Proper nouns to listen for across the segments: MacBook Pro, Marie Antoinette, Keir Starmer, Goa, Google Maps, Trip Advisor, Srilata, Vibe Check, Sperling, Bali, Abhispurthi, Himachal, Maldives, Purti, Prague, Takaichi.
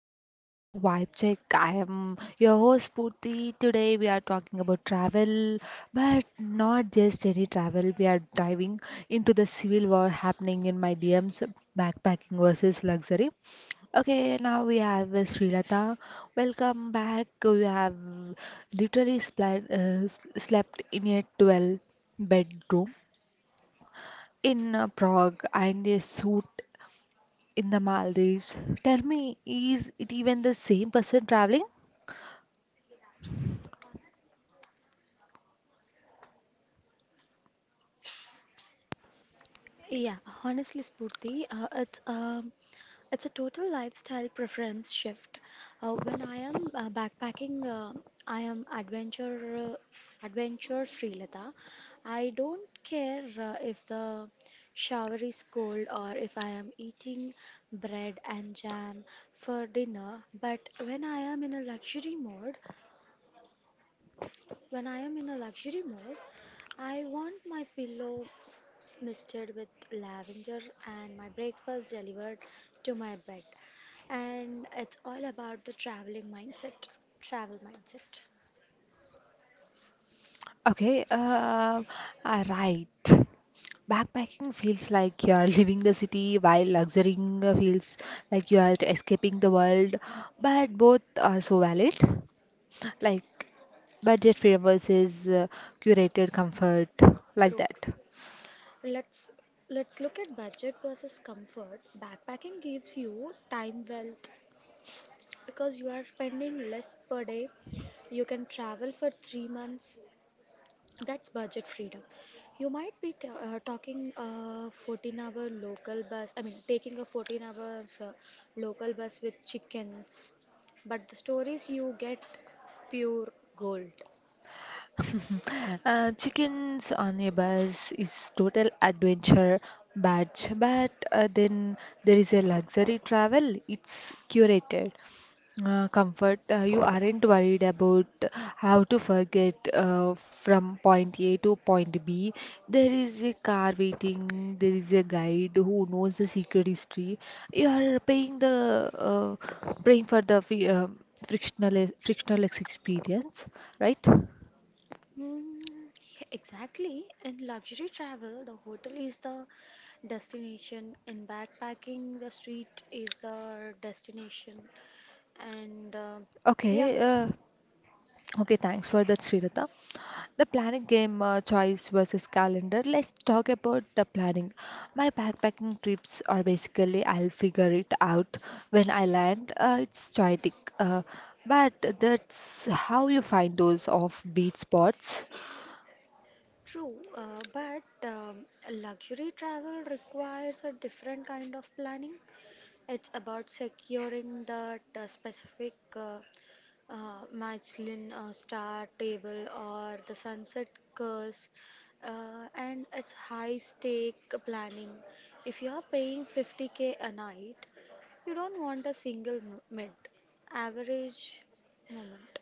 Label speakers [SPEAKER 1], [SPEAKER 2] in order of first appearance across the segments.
[SPEAKER 1] back to Vibe Check. I am your host Purti. Today we are talking about travel, but not just any travel. We are diving into the civil war happening in my DMs, backpacking versus luxury. Okay, now we have Srilata. Welcome back. We have literally slept in a 12 bedroom in Prague and a suit in the Maldives. Tell me, is it even the same person traveling?
[SPEAKER 2] Yeah, honestly, Spurti, it's a total lifestyle preference shift. When I am backpacking, I am adventure free, Lata. I don't care if the shower is cold or if I am eating bread and jam for dinner. But when I am in a luxury mode, when I am in a luxury mode, I want my pillow misted with lavender, and my breakfast delivered to my bed. And it's all about the traveling mindset. Travel mindset.
[SPEAKER 1] Okay, uh, right. Backpacking feels like you are leaving the city while luxurying feels like you are escaping the world, but both are so valid. Like budget freedom versus curated comfort, like
[SPEAKER 2] True,
[SPEAKER 1] that.
[SPEAKER 2] true. Let's let's look at budget versus comfort. Backpacking gives you time wealth because you are spending less per day. You can travel for 3 months. That's budget freedom. You might be t- talking a 14-hour local bus, I mean, taking a 14-hour local bus with chickens, but the stories you get, pure gold.
[SPEAKER 1] Chickens on a bus is total adventure badge, but then there is a luxury travel. It's curated. Comfort, you aren't worried about how to forget from point A to point B. There is a car waiting, there is a guide who knows the secret history. You are paying the paying for the frictionless experience, right?
[SPEAKER 2] Mm, exactly. In luxury travel, the hotel is the destination. In backpacking, the street is the destination. And uh, yeah,
[SPEAKER 1] Okay, uh, okay, thanks for that, Sridhar. The planning game choice versus calendar. Let's talk about the planning. My backpacking trips are basically I'll figure it out when I land. It's chaotic, uh, but that's how you find those off-beat spots.
[SPEAKER 2] True, but luxury travel requires a different kind of planning. It's about securing that specific Michelin star table or the sunset course, and it's high stake planning. If you are paying 50K a night, you don't want a single mid average moment.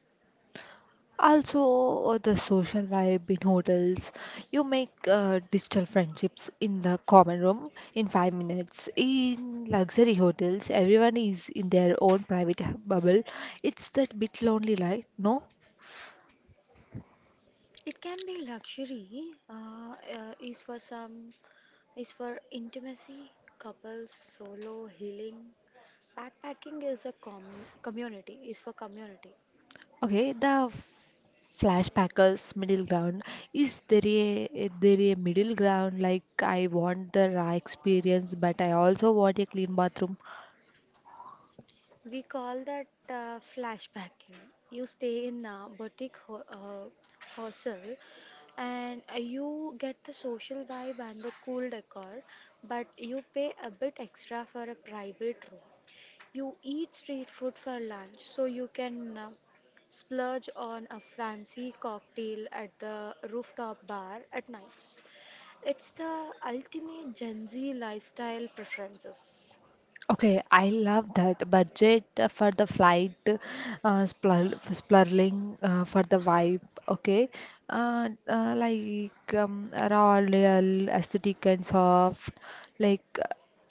[SPEAKER 1] Also, the social vibe in hotels. You make digital friendships in the common room in 5 minutes. In luxury hotels, everyone is in their own bubble. It's that bit lonely, right? No?
[SPEAKER 2] It can be luxury, is for intimacy, couples, solo, healing. Backpacking is a community, is for community.
[SPEAKER 1] Okay, the flashbackers middle ground. Is there a middle ground? Like I want the raw experience, but I also want a clean bathroom.
[SPEAKER 2] We call that flashbacking. You stay in a boutique hostel and you get the social vibe and the cool decor, but you pay a bit extra for a private room. You eat street food for lunch, so you can splurge on a fancy cocktail at the rooftop bar at nights. It's the ultimate Gen Z lifestyle preferences.
[SPEAKER 1] Okay, I love that budget for the flight, splurling for the vibe. Okay, Raw, real, aesthetic and soft. Like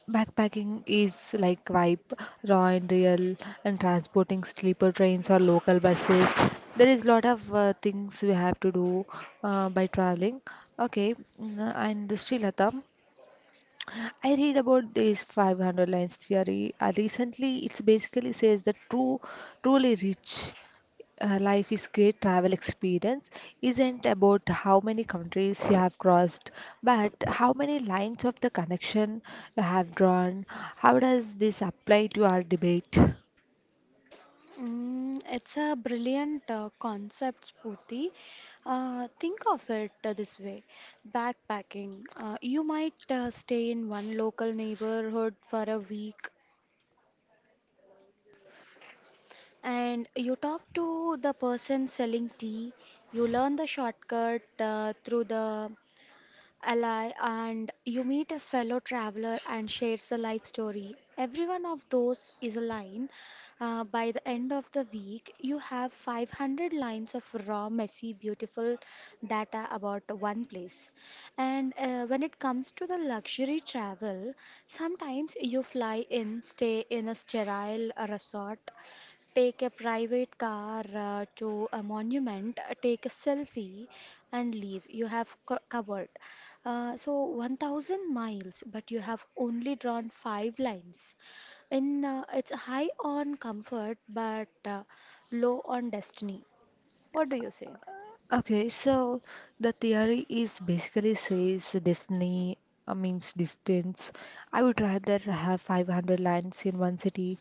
[SPEAKER 1] backpacking is like vibe, raw and real, and transporting sleeper trains or local buses. There is lot of things we have to do by traveling. Okay, and Srilata. I read about this 500 lines theory recently. It basically says that truly rich life is great travel experience isn't about how many countries you have crossed, but how many lines of the connection you have drawn. How does this apply to our debate?
[SPEAKER 2] Mm, it's a brilliant concept, Spooty. Think of it this way, backpacking. You might stay in one local neighborhood for a week, and you talk to the person selling tea, you learn the shortcut through the ally, and you meet a fellow traveler and shares the life story. Every one of those is a line. By the end of the week, you have 500 lines of raw, messy, beautiful data about one place. And When it comes to the luxury travel, sometimes you fly in, stay in a sterile resort, take a private car to a monument, take a selfie, and leave. You have covered. So 1000 miles, but you have only drawn five lines. In it's high on comfort, but low on destiny. What do you say?
[SPEAKER 1] Okay, so the theory is basically says Disney means distance. I would rather have 500 lines in one city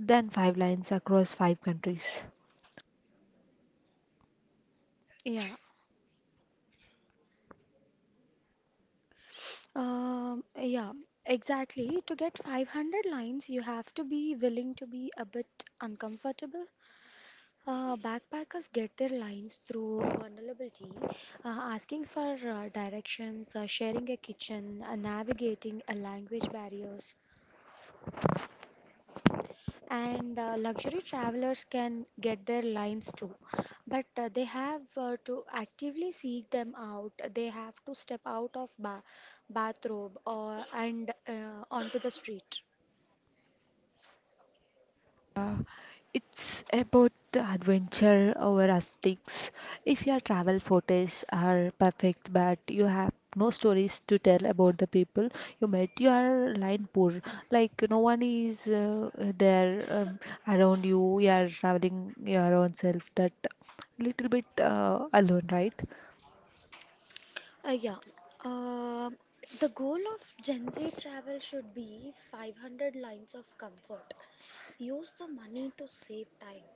[SPEAKER 1] than five lines across five countries.
[SPEAKER 2] Yeah, yeah, exactly. To get 500 lines, you have to be willing to be a bit uncomfortable. Backpackers get their lines through vulnerability, uh, asking for directions, sharing a kitchen, navigating language barriers, and luxury travelers can get their lines too. But they have to actively seek them out. They have to step out of bathrobe or and onto the street.
[SPEAKER 1] Uh, it's about the adventure over aesthetics. If your travel photos are perfect but you have no stories to tell about the people you met, you are line poor. Like no one is there around you. You are traveling your own self. That little bit alone, right?
[SPEAKER 2] Yeah. Uh, the goal of Gen Z travel should be 500 lines of comfort. Use the money to save time,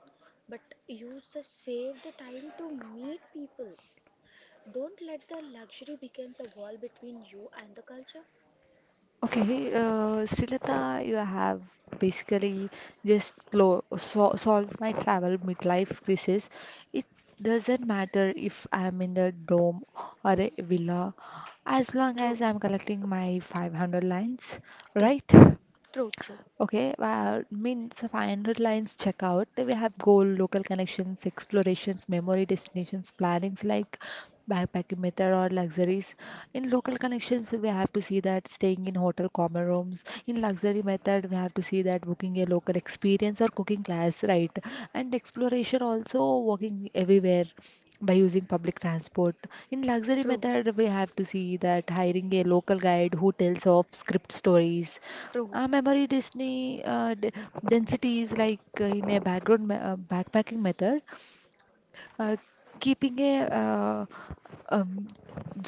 [SPEAKER 2] but use the saved time to meet people. Don't let the luxury becomes a wall between you and the culture.
[SPEAKER 1] Okay, Srilata, you have basically just lo so solved my travel midlife crisis. It doesn't matter if I'm in a dome or a villa, as long as
[SPEAKER 2] True,
[SPEAKER 1] I'm collecting my 500 lines,
[SPEAKER 2] true,
[SPEAKER 1] right?
[SPEAKER 2] true, true,
[SPEAKER 1] Okay, well, means final lines checkout. We have goal, local connections, explorations, memory destinations, plannings like backpacking method or luxuries. In local connections, we have to see that staying in hotel common rooms. In luxury method, we have to see that booking a local experience or cooking class, right? And exploration also walking everywhere by using public transport. In luxury
[SPEAKER 2] true,
[SPEAKER 1] method, we have to see that hiring a local guide who tells of script stories.
[SPEAKER 2] true,
[SPEAKER 1] Our memory density, density is like in a backpacking method, uh, keeping a um,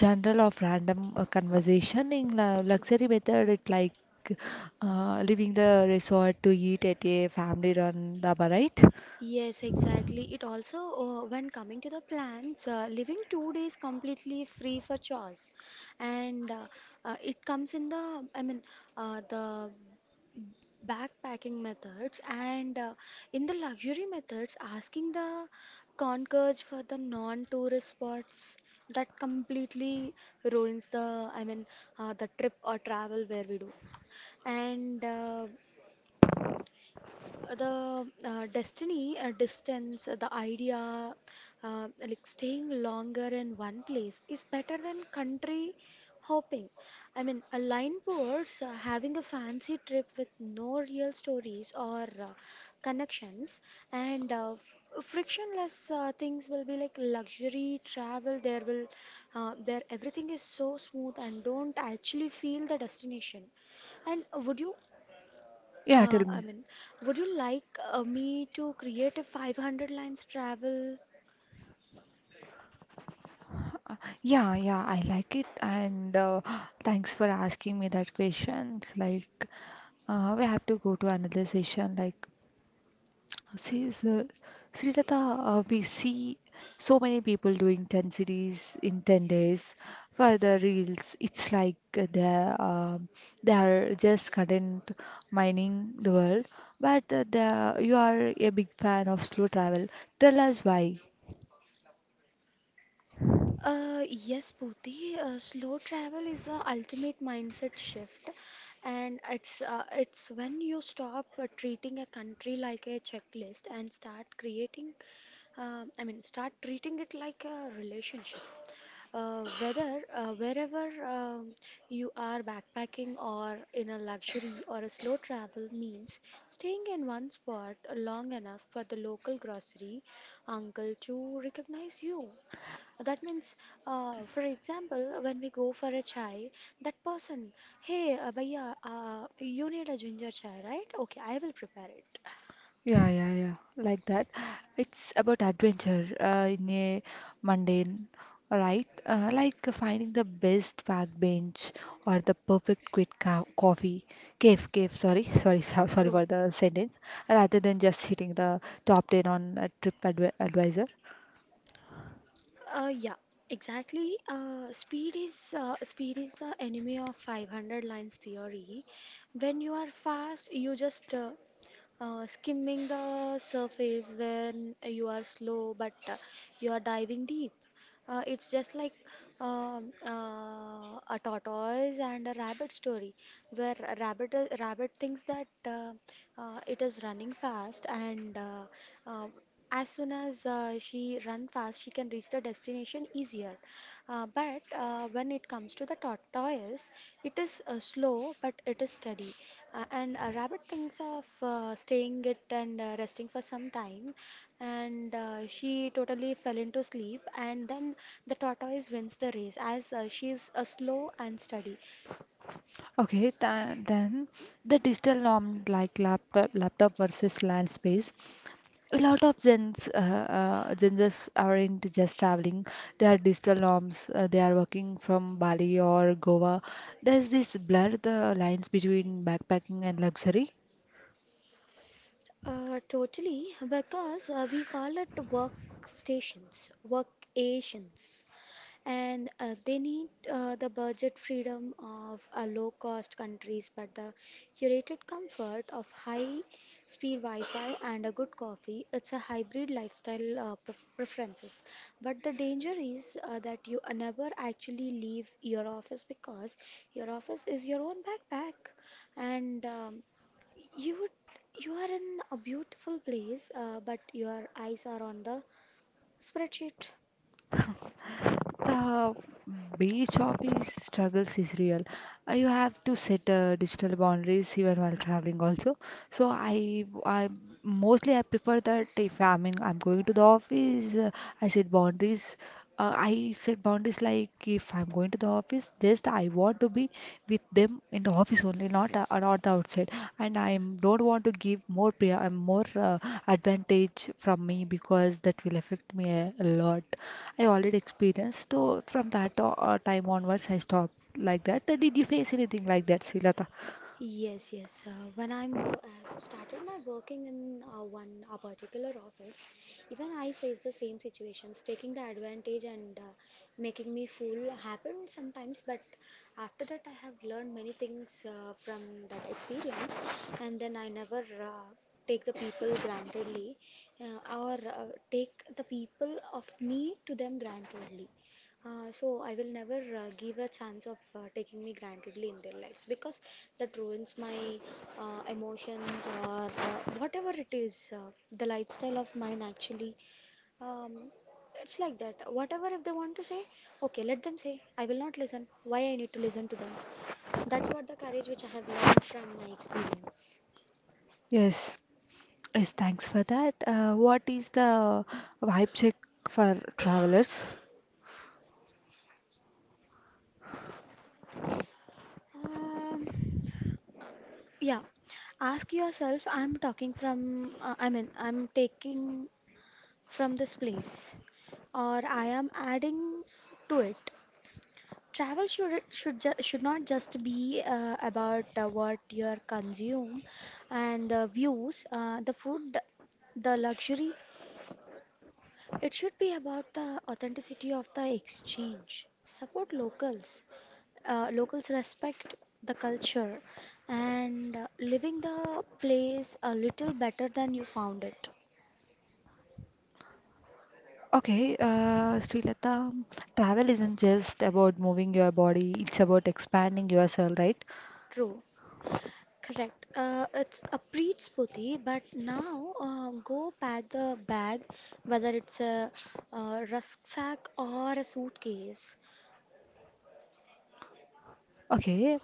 [SPEAKER 1] general of random conversation. In
[SPEAKER 2] true.
[SPEAKER 1] luxury method, it like leaving the resort to eat at a family-run dhaba, right?
[SPEAKER 2] Yes, exactly. It also, when coming to the plants, living 2 days completely free for chores, and it comes in the backpacking methods and in the luxury methods, asking the concierge for the non-tourist spots that completely ruins the trip or travel where we do, and. The destiny distance the idea like staying longer in one place is better than country hopping, I mean a line towards having a fancy trip with no real stories or connections, and frictionless things will be like luxury travel, there will there everything is so smooth and don't actually feel the destination, and
[SPEAKER 1] Yeah,
[SPEAKER 2] uh,
[SPEAKER 1] tell
[SPEAKER 2] I
[SPEAKER 1] me.
[SPEAKER 2] mean, would you like me to create a 500 lines travel?
[SPEAKER 1] Uh, Yeah, yeah, I like it, and thanks for asking me that question. It's like we have to go to another session. Like, see, so, Srilata, we see so many people doing 10 series in 10 days for the reels. It's like they are just content mining the world, but you are a big fan of slow travel. Tell us why.
[SPEAKER 2] Yes, Pooty. Slow travel is the ultimate mindset shift, and it's when you stop treating a country like a checklist and start creating, I mean, start treating it like a relationship. Whether wherever you are backpacking or in a luxury or a slow travel means staying in one spot long enough for the local grocery uncle to recognize you, that means, for example, when we go for a chai, that person, hey, bhaiya, you need a ginger chai, right? Okay, I will prepare it.
[SPEAKER 1] Yeah, yeah, yeah, like that. It's about adventure in a mundane, right? Like finding the best park bench or the perfect quick co coffee cave. Sorry, sorry
[SPEAKER 2] True.
[SPEAKER 1] for the sentence. Rather than just hitting the top 10 on a trip advi advisor.
[SPEAKER 2] Yeah, exactly. Uh, speed is the enemy of 500 lines theory. When you are fast, you just skimming the surface. When you are slow, but you are diving deep. It's just like a tortoise and a rabbit story, where a rabbit thinks that it is running fast, and um, as soon as she run fast, she can reach the destination easier. But when it comes to the tortoise, it is slow but it is steady. And a rabbit thinks of staying it and resting for some time. And she totally fell into sleep. And then the tortoise wins the race as she is slow and steady.
[SPEAKER 1] Okay, tha Then the digital norm like laptop versus land space. A lot of gens aren't just traveling, they are digital nomads, they are working from Bali or Goa. Does this blur the lines between backpacking and luxury?
[SPEAKER 2] Totally, because we call it workstations, workations. And they need the budget freedom of low cost countries but the curated comfort of high speed wi-fi and a good coffee. It's a hybrid lifestyle preferences, but the danger is that you never actually leave your office because your office is your own backpack, and you would you are in a beautiful place but your eyes are on the spreadsheet.
[SPEAKER 1] The beach hobbies struggles is real. You have to set digital boundaries even while traveling also. So I mostly I prefer that if I mean I'm going to the office, i set boundaries I set boundaries like if I'm going to the office, just I want to be with them in the office only, not not the outside. And I am- don't want to give more advantage from me because that will affect me a lot. I already experienced. So from that time onwards, I stopped like that. Did you face anything like that, Silata?
[SPEAKER 2] Yes, yes. When I'm I've started my working in one a particular office, even I face the same situations, taking the advantage and making me fool happened sometimes. But after that, I have learned many things from that experience, and then I never uh, take the people grantedly, or take the people of me to them grantedly. So I will never give a chance of taking me grantedly in their lives because that ruins my emotions or whatever it is. The lifestyle of mine actually, um, it's like that. Whatever if they want to say, okay, let them say. I will not listen. Why I need to listen to them? That's what the courage which I have learned from my experience.
[SPEAKER 1] Yes. Yes, thanks for that. What is the vibe check for travelers?
[SPEAKER 2] Yeah, ask yourself. I'm taking from this place or I am adding to it. Travel should not just be about what you are consume and the views, the food, the luxury. It should be about the authenticity of the exchange. Support locals. Locals respect the culture and living the place a little better than you found it.
[SPEAKER 1] Okay, Srilata, travel isn't just about moving your body, it's about expanding yourself, right?
[SPEAKER 2] True. Correct. It's a preach, Spooty, but now go pack the bag, whether it's a, rucksack or a suitcase.
[SPEAKER 1] Okay,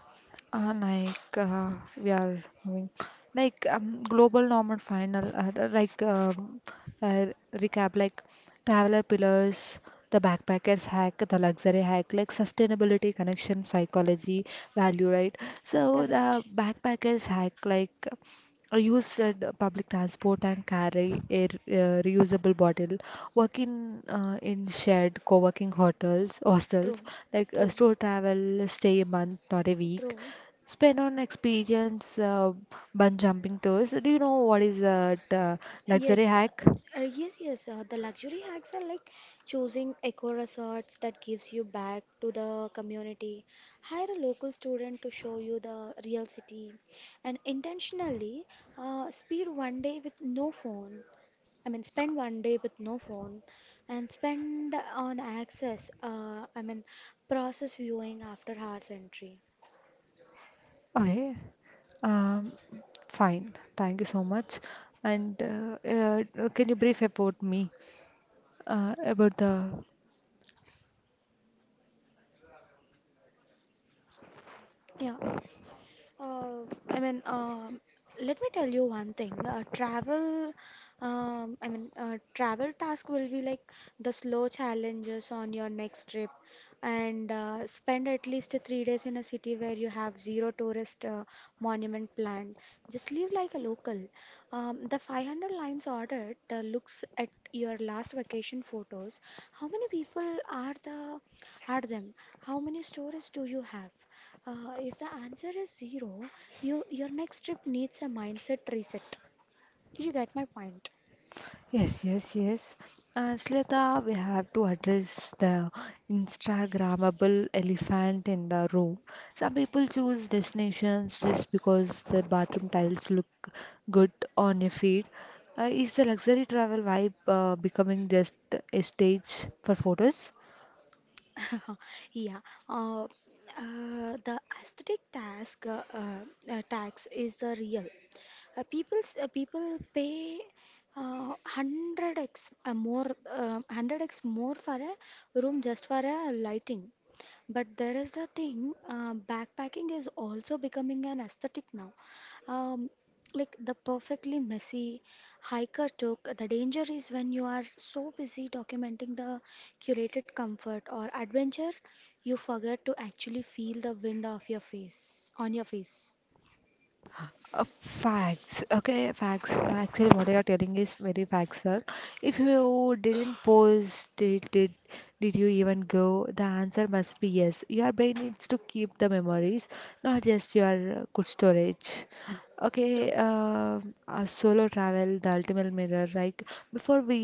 [SPEAKER 1] uh, like uh, we are moving, like global normal final, like uh, recap, like traveler pillars, the backpackers hack, the luxury hack, like sustainability, connection, psychology, value, right? So the
[SPEAKER 2] Correct.
[SPEAKER 1] backpackers hack, like. I use public transport and carry a reusable bottle. Work in in shared co-working hotels,
[SPEAKER 2] True.
[SPEAKER 1] hostels, like
[SPEAKER 2] True.
[SPEAKER 1] store travel, stay a month, not a
[SPEAKER 2] True.
[SPEAKER 1] week. Spend on experience, bungee jumping tours. Do you know what is that luxury
[SPEAKER 2] Yes,
[SPEAKER 1] hack?
[SPEAKER 2] yes, yes. The luxury hacks are like choosing eco resorts that gives you back to the community. Hire a local student to show you the real city, and intentionally speed one day with no phone. I mean, spend one day with no phone, and spend on access. Process viewing after hours entry.
[SPEAKER 1] Okay. Um, Fine. Thank you so much. And can you brief about me? About the—
[SPEAKER 2] Yeah. Uh, I mean, um, let me tell you one thing. Travel task will be like the slow challenges on your next trip, and spend at least 3 days in a city where you have zero tourist monument planned. Just live like a local. The 500 lines audit looks at your last vacation photos. How many people are the are them? How many stories do you have? If the answer is zero, your next trip needs a mindset reset. Did you get my point?
[SPEAKER 1] Yes, yes, yes. And Shilada, we have to address the Instagrammable elephant in the room. Some people choose destinations just because the bathroom tiles look good on your feed. Is the luxury travel vibe becoming just a stage for photos?
[SPEAKER 2] Yeah. Uh, the aesthetic task tax is the real. People pay 100x more, 100x more for a room just for a lighting. But there is the thing, backpacking is also becoming an aesthetic now. Um, like the perfectly messy hiker took. The danger is when you are so busy documenting the curated comfort or adventure, you forget to actually feel the wind of your face on your face.
[SPEAKER 1] Facts. Okay, facts. Actually, what you are telling is very facts, sir. If you didn't post did you even go? The answer must be yes. Your brain needs to keep the memories, not just your good storage. Okay,
[SPEAKER 2] True.
[SPEAKER 1] solo travel, the ultimate mirror. Like before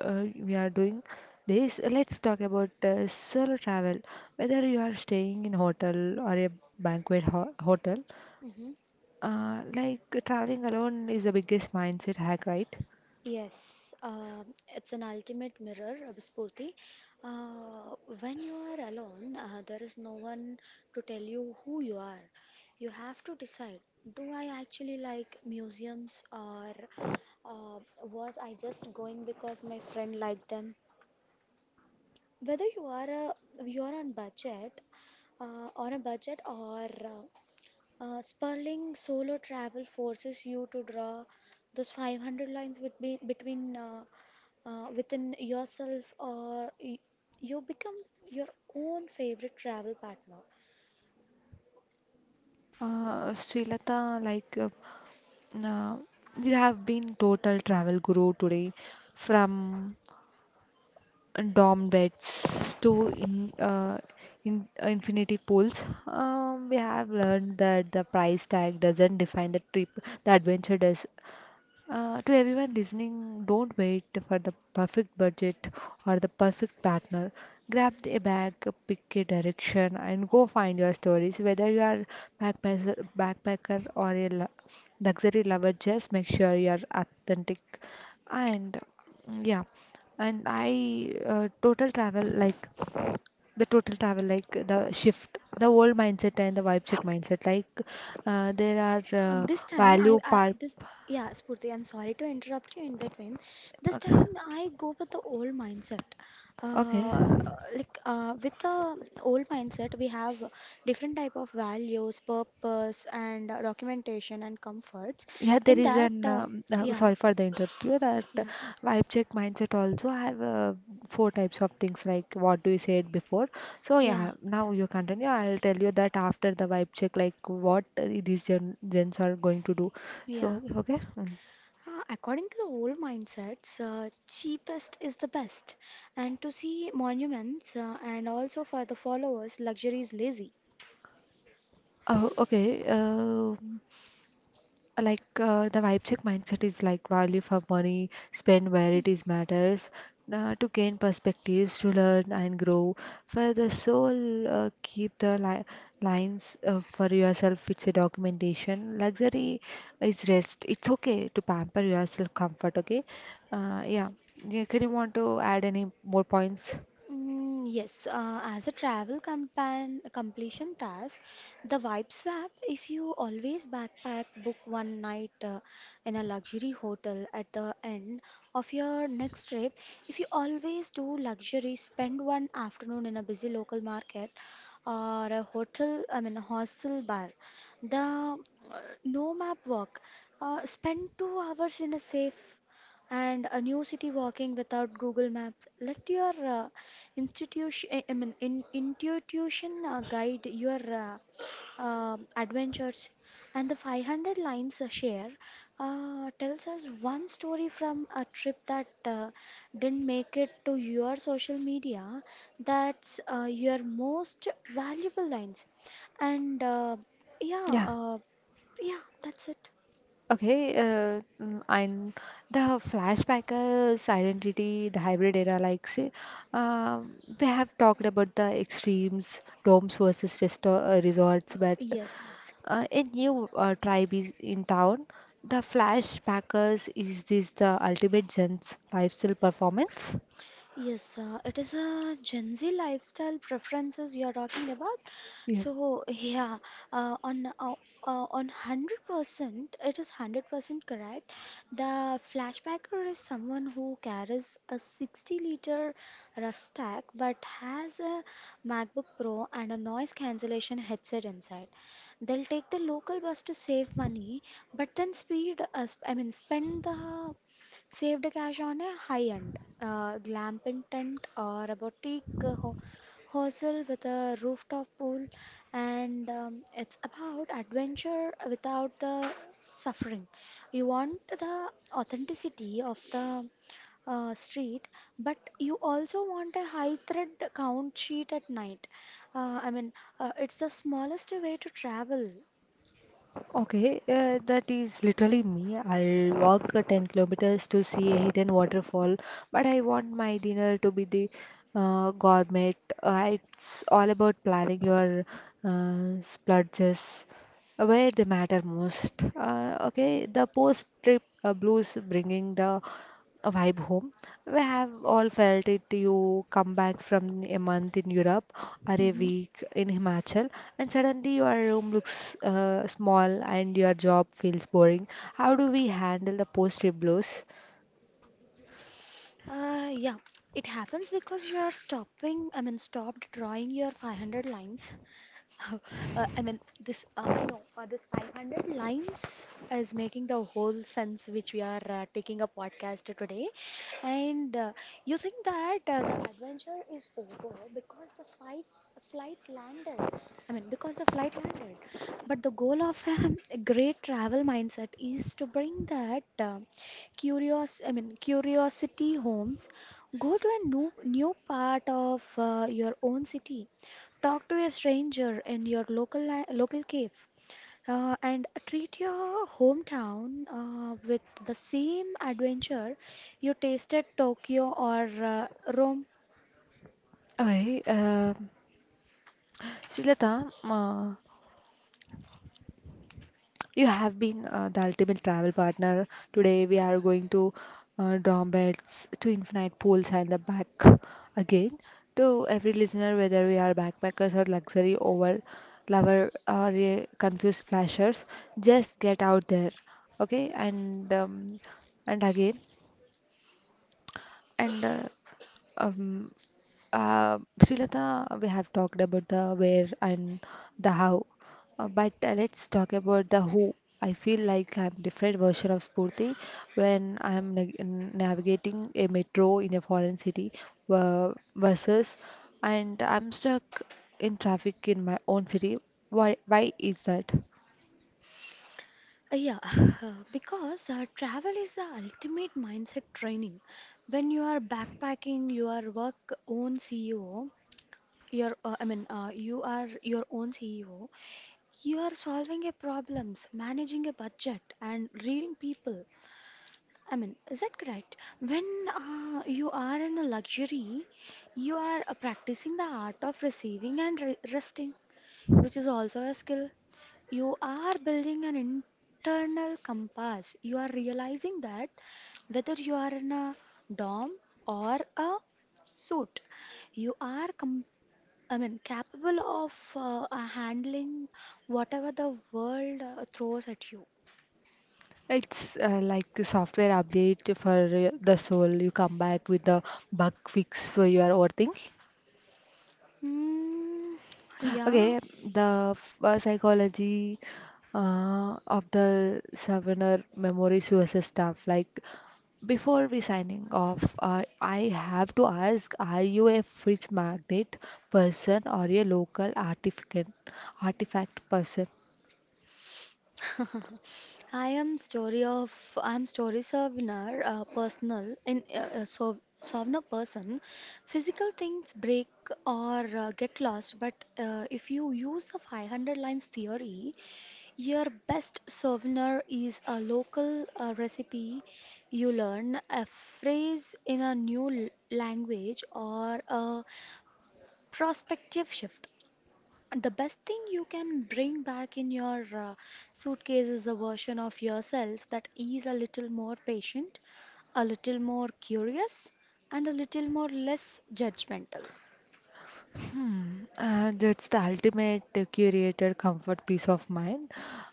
[SPEAKER 1] we are doing this, let's talk about solo travel. Whether you are staying in hotel or a banquet ho hotel,
[SPEAKER 2] Mhm.
[SPEAKER 1] like traveling alone is the biggest mindset hack, right?
[SPEAKER 2] Yes, uh, it's an ultimate mirror, Abhispurthi. When you are alone, there is no one to tell you who you are. You have to decide, do I actually like museums or uh, was I just going because my friend liked them? Whether you are a, You are on budget on a budget or Sperling solo travel forces you to draw those 500 lines between within yourself, or you become your own favorite travel partner.
[SPEAKER 1] Srilata, uh, you have been total travel guru today, from dorm beds to in infinity pools. We have learned that the price tag doesn't define the trip. The adventure does. To everyone listening, don't wait for the perfect budget or the perfect partner. Grab a bag, pick a direction, and go find your stories. Whether you are backpacker or a luxury lover, just make sure you are authentic. And yeah, and I total travel like the total travel like the shift, the old mindset and the vibe check mindset, like there are
[SPEAKER 2] This time
[SPEAKER 1] value
[SPEAKER 2] I
[SPEAKER 1] par.
[SPEAKER 2] this yeah Spurti, I'm sorry to interrupt you in between. This time I go with the old mindset,
[SPEAKER 1] Okay.
[SPEAKER 2] uh, with the old mindset we have different type of values, purpose, and documentation and comforts
[SPEAKER 1] Yeah, there
[SPEAKER 2] in
[SPEAKER 1] is
[SPEAKER 2] that
[SPEAKER 1] an
[SPEAKER 2] uh, yeah
[SPEAKER 1] sorry for the interview that
[SPEAKER 2] yeah
[SPEAKER 1] vibe check mindset also have four types of things like what do you said before. So
[SPEAKER 2] yeah
[SPEAKER 1] yeah, now you continue. I'll tell you that after the vibe check like what these gens are going to do.
[SPEAKER 2] yeah
[SPEAKER 1] So okay. Mm.
[SPEAKER 2] According to the old mindsets, cheapest is the best. And to see monuments, and also for the followers, luxury is lazy.
[SPEAKER 1] Oh, okay. The vibe check mindset is like value for money, spend where it is matters to gain perspectives, to learn and grow for the soul, lines for yourself. It's a documentation. Luxury is rest, it's okay to pamper yourself, comfort. Okay, yeah. Yeah, can you want to add any more points?
[SPEAKER 2] Yes, as a travel compan completion task, the vibe swap, if you always backpack, book one night in a luxury hotel at the end of your next trip. If you always do luxury, spend one afternoon in a busy local market or a a hostel bar. The no map walk, spend 2 hours in a safe and a new city walking without Google Maps. Let your institution, I mean, in, intuition guide your adventures. And the 500 lines share tells us one story from a trip that didn't make it to your social media. That's your most valuable lines. And yeah,
[SPEAKER 1] Yeah.
[SPEAKER 2] yeah, that's it.
[SPEAKER 1] Okay, and the flashbackers identity, the hybrid era, like say, um, we have talked about the extremes, domes versus resto resorts, but
[SPEAKER 2] Yes,
[SPEAKER 1] a new tribe is in town. The flashbackers, is this the ultimate gents lifestyle performance?
[SPEAKER 2] Yes, it is a Gen Z lifestyle preferences you are talking about.
[SPEAKER 1] Yeah.
[SPEAKER 2] So yeah, uh, on uh, on 100%, it is 100% correct. The flashbacker is someone who carries a 60 liter rucksack but has a MacBook Pro and a noise cancellation headset inside. They'll take the local bus to save money, but then speed, sp- I mean, spend the saved cash on a high-end glamping tent or a boutique hostel with a rooftop pool. And it's about adventure without the suffering. You want the authenticity of the street, but you also want a high thread count sheet at night. Uh, I mean, it's the smallest way to travel.
[SPEAKER 1] Okay, that is literally me. I'll walk 10 kilometers to see a hidden waterfall, but I want my dinner to be the gourmet. It's all about planning your splurges where they matter most. Okay, the post-trip blues, bringing the vibe home. We have all felt it. You come back from a month in Europe or a
[SPEAKER 2] Mhm.
[SPEAKER 1] week in Himachal, and suddenly your room looks small and your job feels boring. How do we handle the post-trip blues?
[SPEAKER 2] Yeah, it happens because you are stopped drawing your 500 lines. I mean, this you know this 500 lines is making the whole sense which we are taking a podcast today, and you think that the adventure is over because the fight flight landed. Because the flight landed, but the goal of a great travel mindset is to bring that curiosity homes. Go to a new part of your own city. Talk to a stranger in your local cave, and treat your hometown with the same adventure you tasted Tokyo or uh, Rome.
[SPEAKER 1] Okay, Srilata, you have been the ultimate travel partner. Today we are going to dorm beds, to infinite pools and the back again. To every listener, whether we are backpackers or luxury over lover or confused flashers, just get out there, okay? And again, and um, Srilata, we have talked about the where and the how, but let's talk about the who. I feel like I'm different version of Spurti when I'm na navigating a metro in a foreign city versus and I'm stuck in traffic in my own city. Why is that?
[SPEAKER 2] Yeah, because travel is the ultimate mindset training. When you are backpacking, you are work own CEO. Your, I mean, you are your own CEO. You are solving a problems, managing a budget, and reading people. I mean, is that correct? When you are in a luxury, you are practicing the art of receiving and resting, which is also a skill. You are building an internal compass. You are realizing that whether you are in a dorm or a suit, you are capable of handling whatever the world throws at you.
[SPEAKER 1] It's like the software update for the soul. You come back with the bug fix for your overthink.
[SPEAKER 2] Mm, yeah,
[SPEAKER 1] Okay, the psychology of the souvenir memories USA staff. Like before we signing off, I have to ask: Are you a fridge magnet person or a local artifact artifact person?
[SPEAKER 2] I am story of I am story Savnar, personal in so Savna person. Physical things break or get lost, but if you use the 500 lines theory, your best souvenir is a local recipe you learn, a phrase in a language, or a prospective shift. The best thing you can bring back in your suitcase is a version of yourself that is a little more patient, a little more curious, and a little more less judgmental.
[SPEAKER 1] Hmm, that's the ultimate curated comfort peace of mind.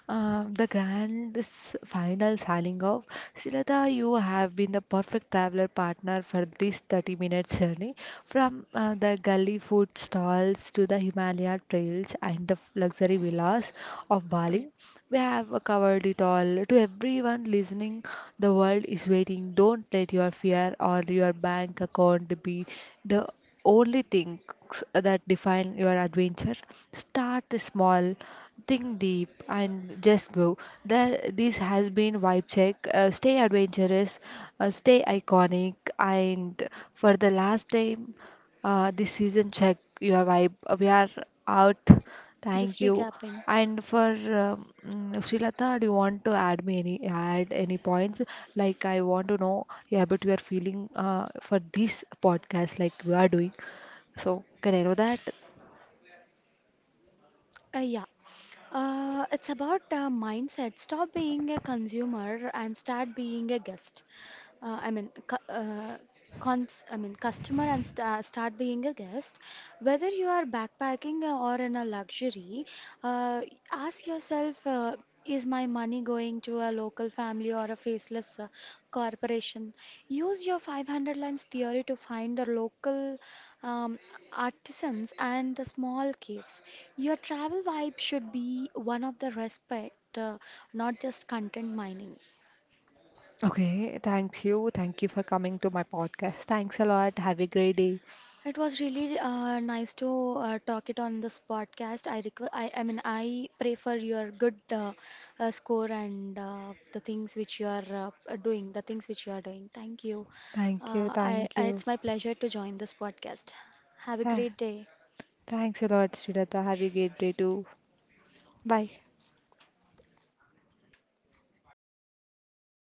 [SPEAKER 1] The grand final signing off. Srilata, you have been the perfect traveler partner for this 30-minute minute journey from the gully food stalls to the Himalaya trails and the luxury villas of
[SPEAKER 2] True.
[SPEAKER 1] Bali. We have covered it all. To everyone listening, the world is waiting. Don't let your fear or your bank account be the only things that define your adventure. Start small, think deep, and just go. There, this has been Vibe Check. Stay adventurous, stay iconic, and for the last time, this season check your vibe. We are out.
[SPEAKER 2] Just
[SPEAKER 1] Thank you.
[SPEAKER 2] recapping.
[SPEAKER 1] And for Srilata, do you want to add me any points? Like I want to know, yeah, but we are feeling for this podcast like we are doing. So can I know that?
[SPEAKER 2] Yeah. It's about mindset. Stop being a consumer and start being a guest. uh, I mean, cu- uh, Customer and start being a guest. Whether you are backpacking or in a luxury, uh, ask yourself, is my money going to a local family or a faceless corporation? Use your 500 lines theory to find the local um, artisans and the small caves. Your travel vibe should be one of the respect, not just content mining.
[SPEAKER 1] Okay, thank you. Thank you for coming to my podcast. Thanks a lot. Have a great day.
[SPEAKER 2] It was really nice to talk it on this podcast. I request, I pray for your good score and the things which you are doing. Thank you.
[SPEAKER 1] Thank you. Thank you.
[SPEAKER 2] It's my pleasure to join this podcast. Have a
[SPEAKER 1] Tha-
[SPEAKER 2] great day.
[SPEAKER 1] Thanks a lot, Srilata. Have a great day too. Bye.